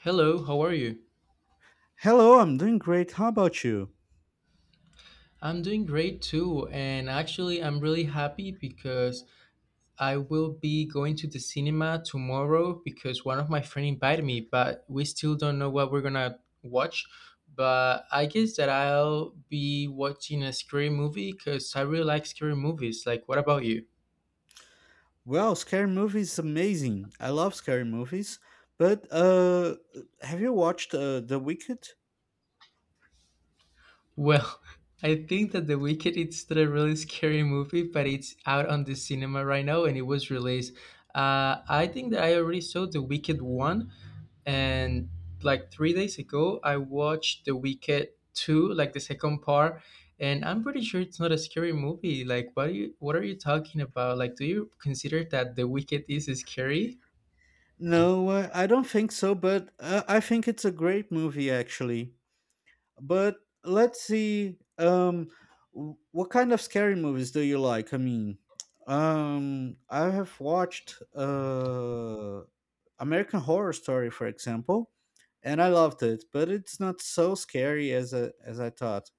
Hello, how are you? Hello, I'm doing great. How about you? I'm doing great too, and actually, I'm really happy because I will be going to the cinema tomorrow because one of my friends invited me, but we still don't know what we're gonna watch. But I guess that I'll be watching a scary movie because I really like scary movies. Like, what about you? Well, scary movies is amazing. I love scary movies. But Have you watched The Wicked? Well, I think that The Wicked it's a really scary movie, but it's out on the cinema right now and it was released. I think that I already saw The Wicked one and like 3 days ago I watched The Wicked 2, like the second part. And I'm pretty sure it's not a scary movie. Like, what are you talking about? Like, do you consider that The Wicked is scary? No, I don't think so. But I think it's a great movie, actually. But let's see. What kind of scary movies do you like? I mean, I have watched American Horror Story, for example, and I loved it, but it's not so scary as I thought.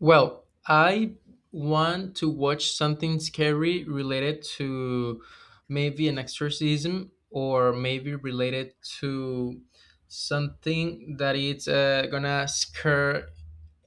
Well, I want to watch something scary related to maybe an exorcism, or maybe related to something that it's gonna scare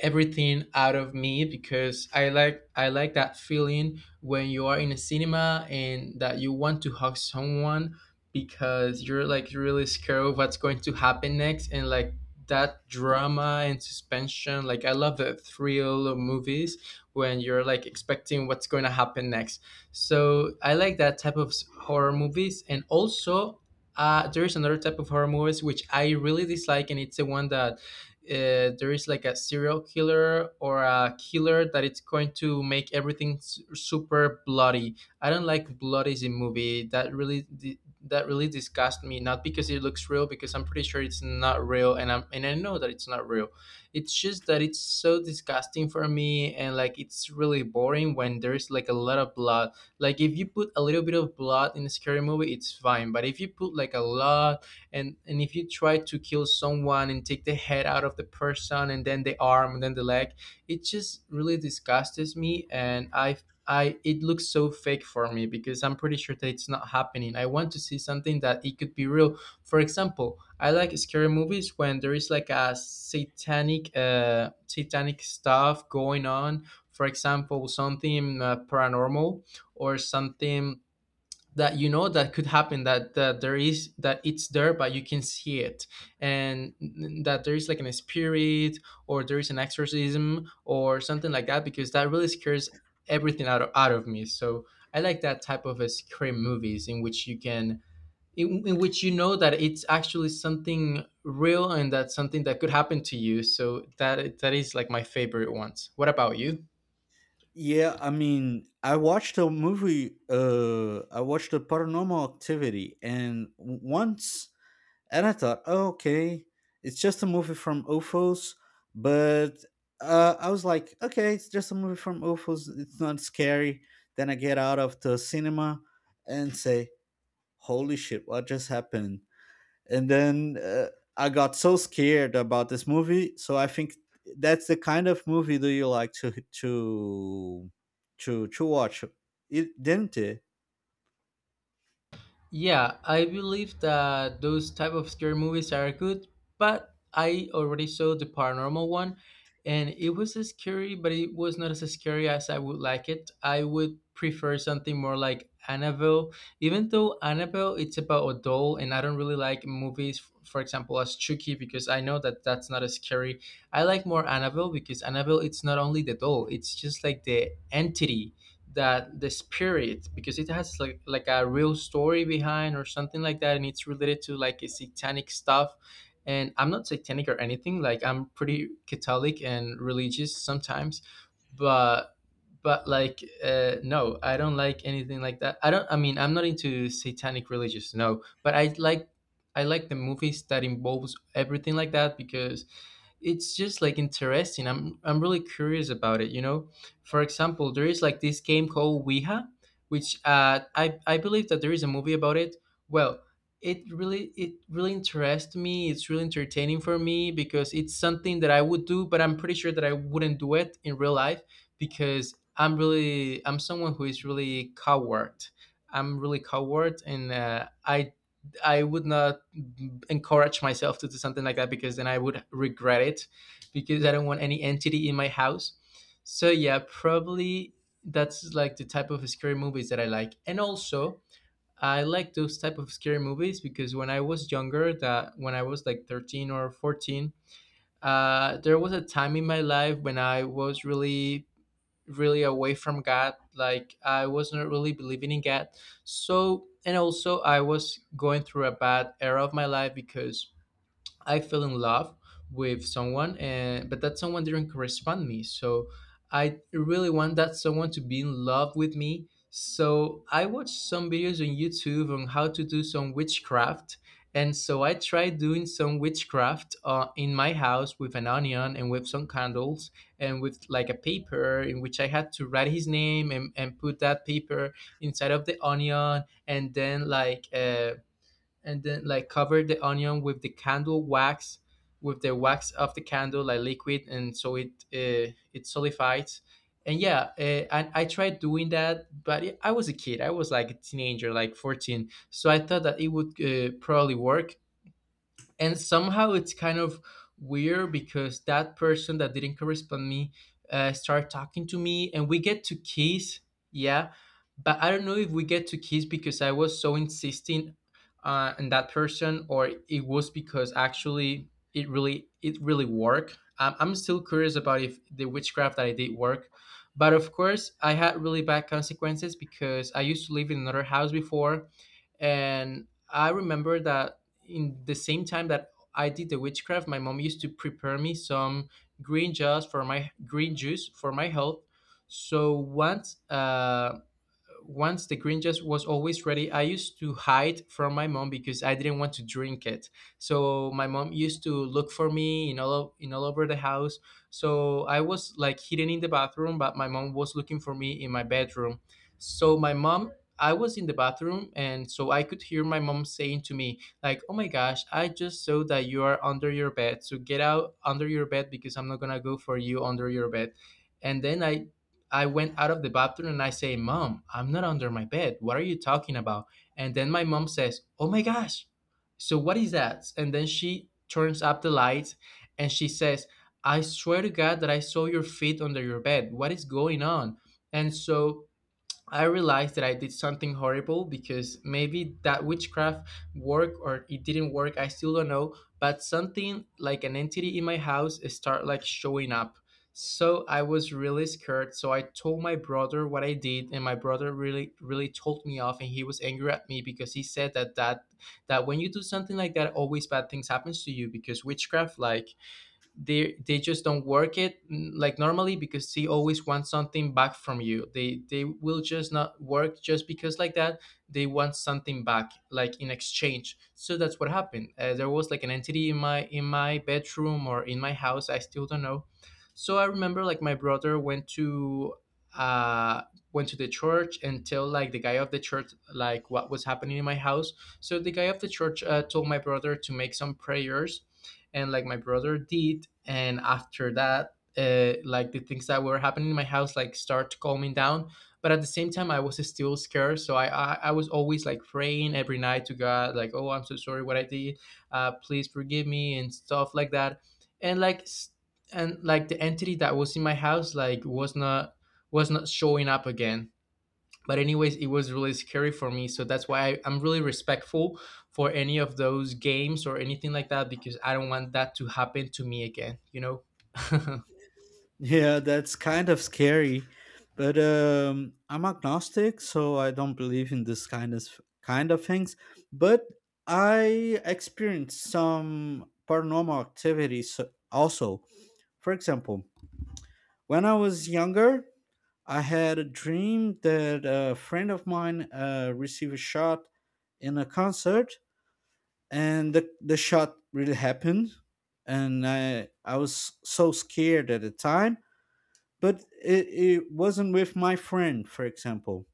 everything out of me, because I like that feeling when you are in a cinema and that you want to hug someone because you're like really scared of what's going to happen next, and like that drama and suspension. Like, I love the thrill of movies when you're like expecting what's going to happen next. So I like that type of horror movies. And also, there is another type of horror movies which I really dislike, and it's the one that there is like a serial killer or a killer that it's going to make everything super bloody. I don't like bloodies in movie. That really that really disgusts me. Not because it looks real, because I'm pretty sure it's not real, and I know that it's not real. It's just that it's so disgusting for me, and like it's really boring when there's like a lot of blood. Like, if you put a little bit of blood in a scary movie, it's fine. But if you put like a lot, and if you try to kill someone and take the head out of the person and then the arm and then the leg, it just really disgusts me. And i i it looks so fake for me because I'm pretty sure that it's not happening. I want to see something that it could be real. For example, I like scary movies when there is like a satanic, satanic stuff going on. For example, something paranormal, or something that you know that could happen, that there is, that it's there, but you can see it. And that there is like an spirit, or there is an exorcism, or something like that, because that really scares everything out of me. So I like that type of scream movies in which you can, in which you know that it's actually something real, and that's something that could happen to you. So that is like my favorite ones. What about you? Yeah, I mean, I watched a movie. I watched a Paranormal Activity, and I thought, oh, okay, it's just a movie from UFOs, but I was like, okay, it's just a movie from UFOs. It's not scary. Then I get out of the cinema and say, holy shit, what just happened? And then I got so scared about this movie. So I think that's the kind of movie that you like to to to to watch, it, didn't it? Yeah, I believe that those type of scary movies are good, but I already saw the paranormal one and it was scary, but it was not as scary as I would like it. I would prefer something more like Annabelle, even though Annabelle it's about a doll. And I don't really like movies for example as Chucky, because I know that that's not as scary. I like more Annabelle because Annabelle it's not only the doll, it's just like the entity, that the spirit, because it has like a real story behind or something like that, and it's related to like a satanic stuff. And I'm not satanic or anything, like I'm pretty Catholic and religious sometimes. But no, I don't like anything like that. I mean, I'm not into satanic religious, no. But I like, I like the movies that involves everything like that, because it's just like interesting. I'm really curious about it, you know. For example, there is like this game called Ouija, which I believe that there is a movie about it. Well, it really interests me. It's really entertaining for me because it's something that I would do, but I'm pretty sure that I wouldn't do it in real life because I'm someone who is really coward. I'm really coward, and I would not encourage myself to do something like that, because then I would regret it, because I don't want any entity in my house. So yeah, probably that's like the type of scary movies that I like. And also, I like those type of scary movies because when I was younger, that when I was like 13 or 14, there was a time in my life when I was really away from God, like I was not really believing in God. So, and also I was going through a bad era of my life because I fell in love with someone, and but that someone didn't correspond me. So I really want that someone to be in love with me. So I watched some videos on YouTube on how to do some witchcraft, and so I tried doing some witchcraft in my house, with an onion and with some candles and with like a paper in which I had to write his name, and put that paper inside of the onion and then like. And then like cover the onion with the candle wax, with the wax of the candle like liquid, and so it it solidifies. And yeah uh, and I tried doing that, but I was a kid, I was like a teenager, like 14, so I thought that it would probably work. And somehow it's kind of weird, because that person that didn't correspond me started talking to me and we get to kiss. Yeah. But I don't know if we get to kiss because I was so insisting on that person, or it was because actually it really worked. I'm still curious about if the witchcraft that I did work. But of course I had really bad consequences, because I used to live in another house before. And I remember that in the same time that I did the witchcraft, my mom used to prepare me some green juice for my health. So once once the green juice was always ready, I used to hide from my mom because I didn't want to drink it. So my mom used to look for me in in all over the house. So I was like hidden in the bathroom, but my mom was looking for me in my bedroom. So my mom I was in the bathroom, and so I could hear my mom saying to me like, oh my gosh, I just saw that you are under your bed, so get out under your bed because I'm not gonna go for you under your bed. And then I went out of the bathroom and I say, Mom, I'm not under my bed. What are you talking about? And then my mom says, oh my gosh. So what is that? And then she turns up the lights and she says, I swear to God that I saw your feet under your bed. What is going on? And so I realized that I did something horrible, because maybe that witchcraft worked or it didn't work. I still don't know. But something like an entity in my house start like showing up. So I was really scared. So I told my brother what I did, and my brother really, really told me off, and he was angry at me because he said that when you do something like that, always bad things happens to you because witchcraft, like they just don't work it like normally, because they always want something back from you. They will just not work just because like that. They want something back, like in exchange. So that's what happened. There was like an entity in my bedroom or in my house. I still don't know. So I remember like my brother went to uh went to the church and tell like the guy of the church like what was happening in my house. So the guy of the church, told my brother to make some prayers, and like my brother did. And after that, like the things that were happening in my house like start calming down. But at the same time, I was still scared, so I was always like praying every night to God, like, "Oh, I'm so sorry what I did. Please forgive me," and stuff like that. and like s- and like the entity that was in my house like was not, was not showing up again. But anyways, it was really scary for me, so that's why I'm really respectful for any of those games or anything like that, because I don't want that to happen to me again, Yeah, that's kind of scary. But I'm agnostic, so I don't believe in this kind of things. But I experienced some paranormal activities also. For example, when I was younger, I had a dream that a friend of mine received a shot in a concert, and the shot really happened. And I was so scared at the time but it wasn't with my friend, for example.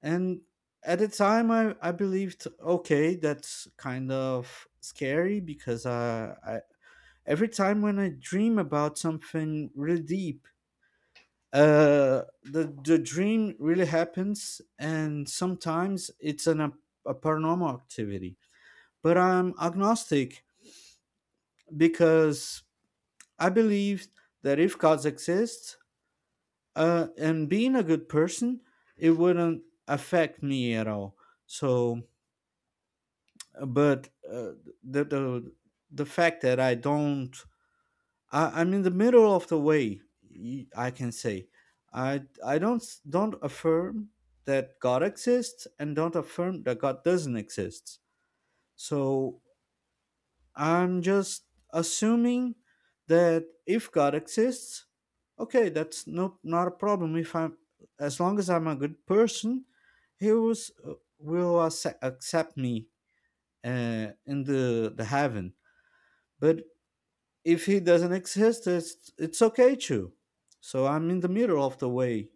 And at the time, I believed, okay, that's kind of scary because I every time when I dream about something really deep, the dream really happens, and sometimes it's an a paranormal activity. But I'm agnostic because I believe that if gods exist, and being a good person, it wouldn't affect me at all. So, uh, but uh, the the the fact that I don't, I'm in the middle of the way. I can say, I don't affirm that God exists and don't affirm that God doesn't exist. So I'm just assuming that if God exists, okay, that's not a problem. If I'm As long as I'm a good person, He will accept me in the heaven. But if He doesn't exist, it's okay too. So I'm in the middle of the way,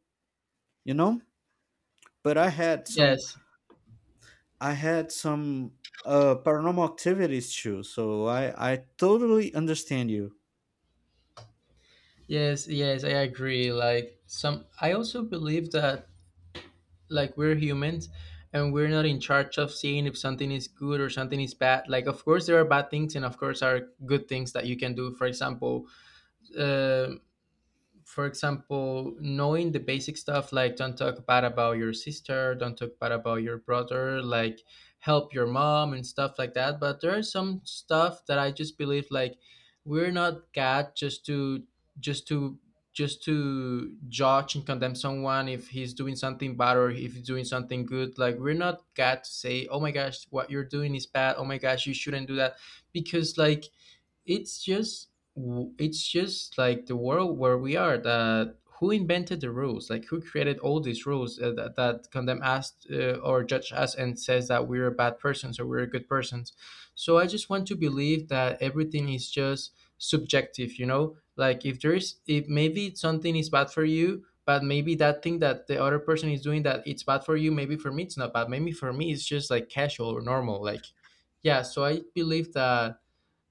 you know. But Yes, I had some paranormal activities too, so I totally understand you. yes, I agree. Like some, I also believe that like we're humans, and we're not in charge of seeing if something is good or something is bad. Like, of course there are bad things, and of course are good things that you can do. Uh, for example, knowing the basic stuff like don't talk bad about your sister, don't talk bad about your brother, like help your mom and stuff like that. But there are some stuff that I just believe like we're not God just to just to just to judge and condemn someone if he's doing something bad or if he's doing something good. Like, we're not God to say, "Oh my gosh, what you're doing is bad. Oh my gosh, you shouldn't do that," because like it's just it's just like the world where we are that who invented the rules, like who created all these rules, that condemn us, or judge us and says that we're bad persons or we're good persons. So I just want to believe that everything is just subjective, you know? Like if there's, if maybe something is bad for you, but maybe that thing that the other person is doing that it's bad for you, maybe for me it's not bad, maybe for me it's just like casual or normal. Like, yeah, so I believe that.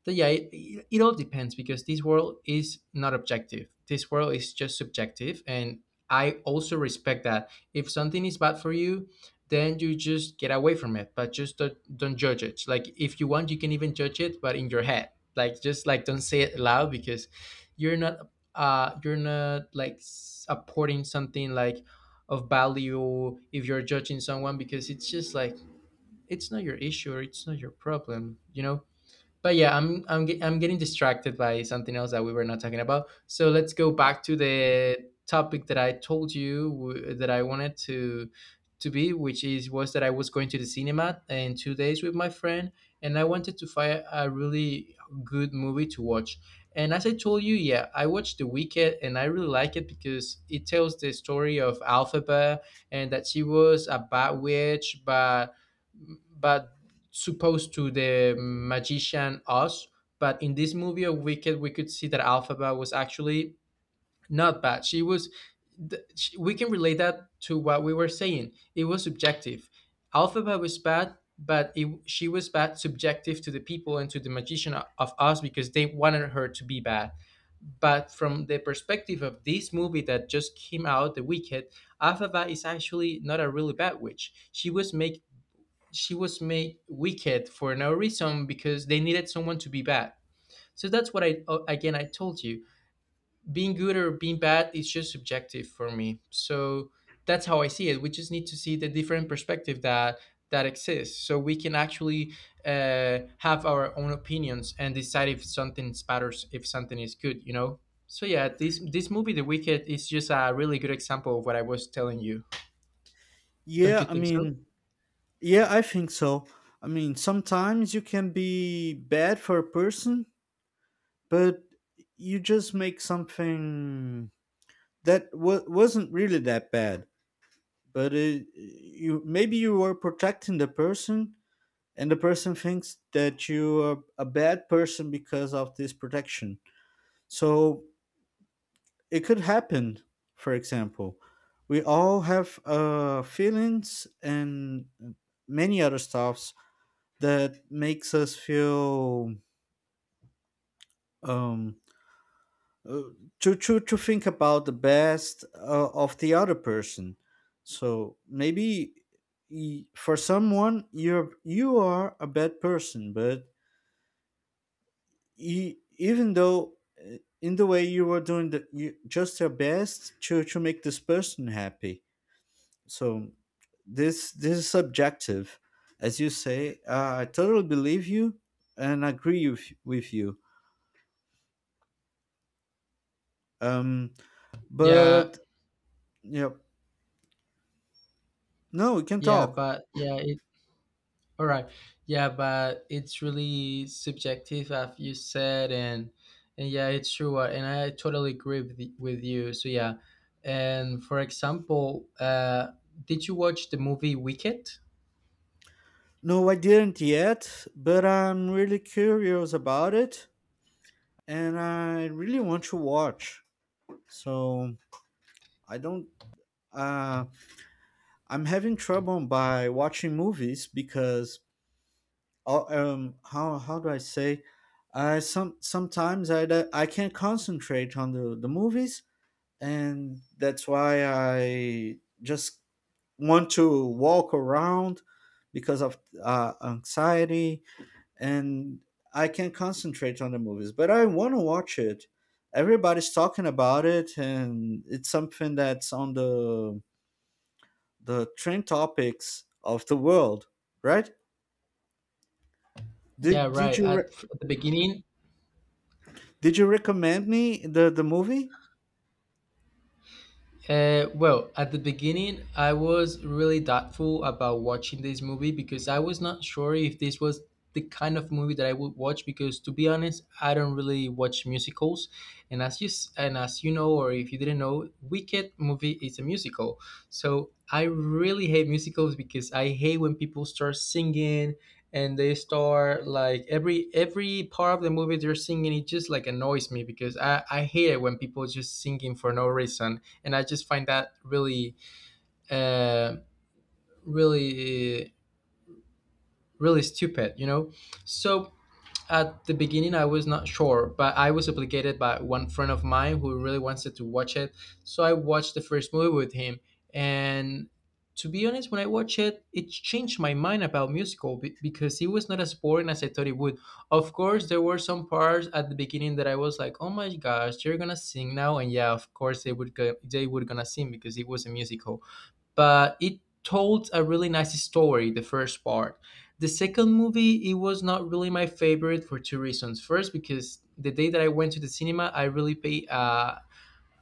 So yeah, it all depends because this world is not objective. This world is just subjective, and I also respect that. If something is bad for you, then you just get away from it, but just don't judge it. Like, if you want, you can even judge it, but in your head. Like, just like don't say it loud, because you're not like apporting something like of value if you're judging someone, because it's just like it's not your issue or it's not your problem, you know? But yeah, I'm getting distracted by something else that we were not talking about. So let's go back to the topic that I told you that I wanted to be, which is was that I was going to the cinema in 2 days with my friend, and I wanted to find a really good movie to watch. And as I told you, yeah, I watched the Wicked and I really like it because it tells the story of Alphaba, and that she was a bad witch, but supposed to the magician Oz. But in this movie of Wicked, we could see that Alphaba was actually not bad. She was. We can relate that to what we were saying. It was subjective. Alphaba was bad, but she was bad subjective to the people and to the magician of Oz because they wanted her to be bad. But from the perspective of this movie that just came out, The Wicked, Alphaba is actually not a really bad witch. She was made wicked for no reason because they needed someone to be bad. So that's what I, again, I told you. Being good or being bad is just subjective for me. So that's how I see it. We just need to see the different perspective that that exists, so we can actually have our own opinions and decide if something matters, if something is good. You know. So yeah, this movie, The Wicked, is just a really good example of what I was telling you. Don't you Yeah, I think so? mean. Yeah, I think so. I mean, sometimes you can be bad for a person, but you just make something that wa wasn't really that bad. But it, you maybe you were protecting the person, and the person thinks that you are a bad person because of this protection. So it could happen. For example, we all have feelings and many other stuff that makes us feel um, uh, to think about the best of the other person. So maybe for someone you are a bad person, but even though in the way you were doing just your best to make this person happy. So this is subjective, as you say. I totally believe you and agree with you. Um, Yeah, But Yep. No, we can yeah, talk. but yeah, all right. Yeah, but it's really subjective, as you said, and yeah, it's true. And I totally agree with you. So yeah, and for example, did you watch the movie Wicked? No, I didn't yet, but I'm really curious about it and I really want to watch. So I don't uh I'm having trouble by watching movies because. How do I say, I sometimes I can't concentrate on the movies and that's why I just want to walk around because of anxiety and I can't concentrate on the movies, but I want to watch it. Everybody's talking about it, and it's something that's on the trend topics of the world, right? Yeah, Did did right. you re- At the beginning, did you recommend me the movie? uh, well, at the beginning, I was really doubtful about watching this movie because I was not sure if this was the kind of movie that I would watch. Because to be honest, I don't really watch musicals, and and as you know, or if you didn't know, Wicked movie is a musical. So I really hate musicals because I hate when people start singing and they start like every part of the movie they're singing. It just like annoys me because I hate it when people just singing for no reason, and I just find that really, uh, really, really stupid. You know, so at the beginning I was not sure, but I was obligated by one friend of mine who really wanted to watch it, so I watched the first movie with him. And to be honest, when I watched it, it changed my mind about musical because it was not as boring as I thought it would. Of course, there were some parts at the beginning that I was like, "Oh my gosh, you are gonna sing now!" And yeah, of course they would go, they were gonna sing because it was a musical. But it told a really nice story, the first part. The second movie, it was not really my favorite for two reasons. First, because the day that I went to the cinema, I really paid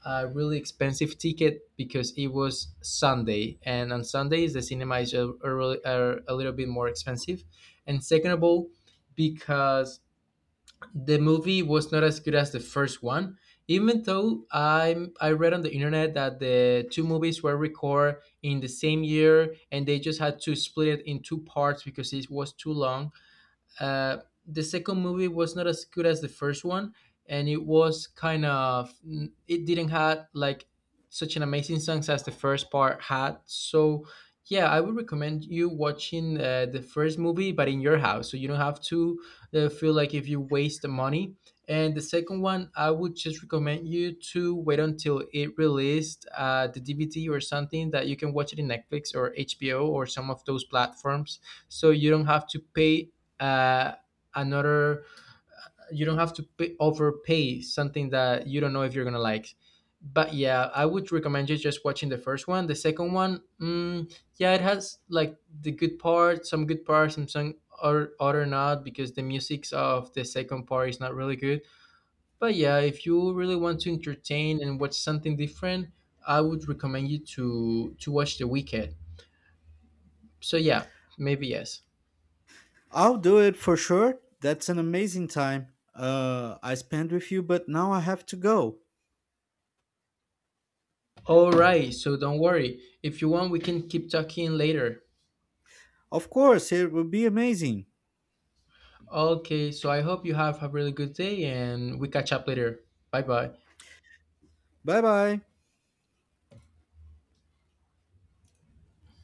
a really expensive ticket because it was Sunday, and on Sundays the cinema is a, really- are a little bit more expensive. And second of all, because the movie was not as good as the first one, even though I read on the internet that the two movies were recorded in the same year and they just had to split it in two parts because it was too long. uh, the second movie was not as good as the first one, and it was kind of, it didn't have like such an amazing songs as the first part had. So yeah, I would recommend you watching the first movie, but in your house, so you don't have to feel like if you waste the money. And the second one, I would just recommend you to wait until it released, the DVD or something, that you can watch it in Netflix or HBO or some of those platforms, so you don't have to pay uh, another you don't have to pay, overpay something that you don't know if you're gonna like. But yeah, I would recommend you just watching the first one. The second one, yeah, it has like the good part, some good parts, and some or other not, because the musics of the second part is not really good. But yeah, if you really want to entertain and watch something different, I would recommend you to watch the weekend. So yeah, maybe yes. I'll do it for sure. That's an amazing time I spent with you, but now I have to go. All right, so don't worry. If you want, we can keep talking later. Of course, it will be amazing. Okay, so I hope you have a really good day and we catch up later. Bye bye. Bye bye.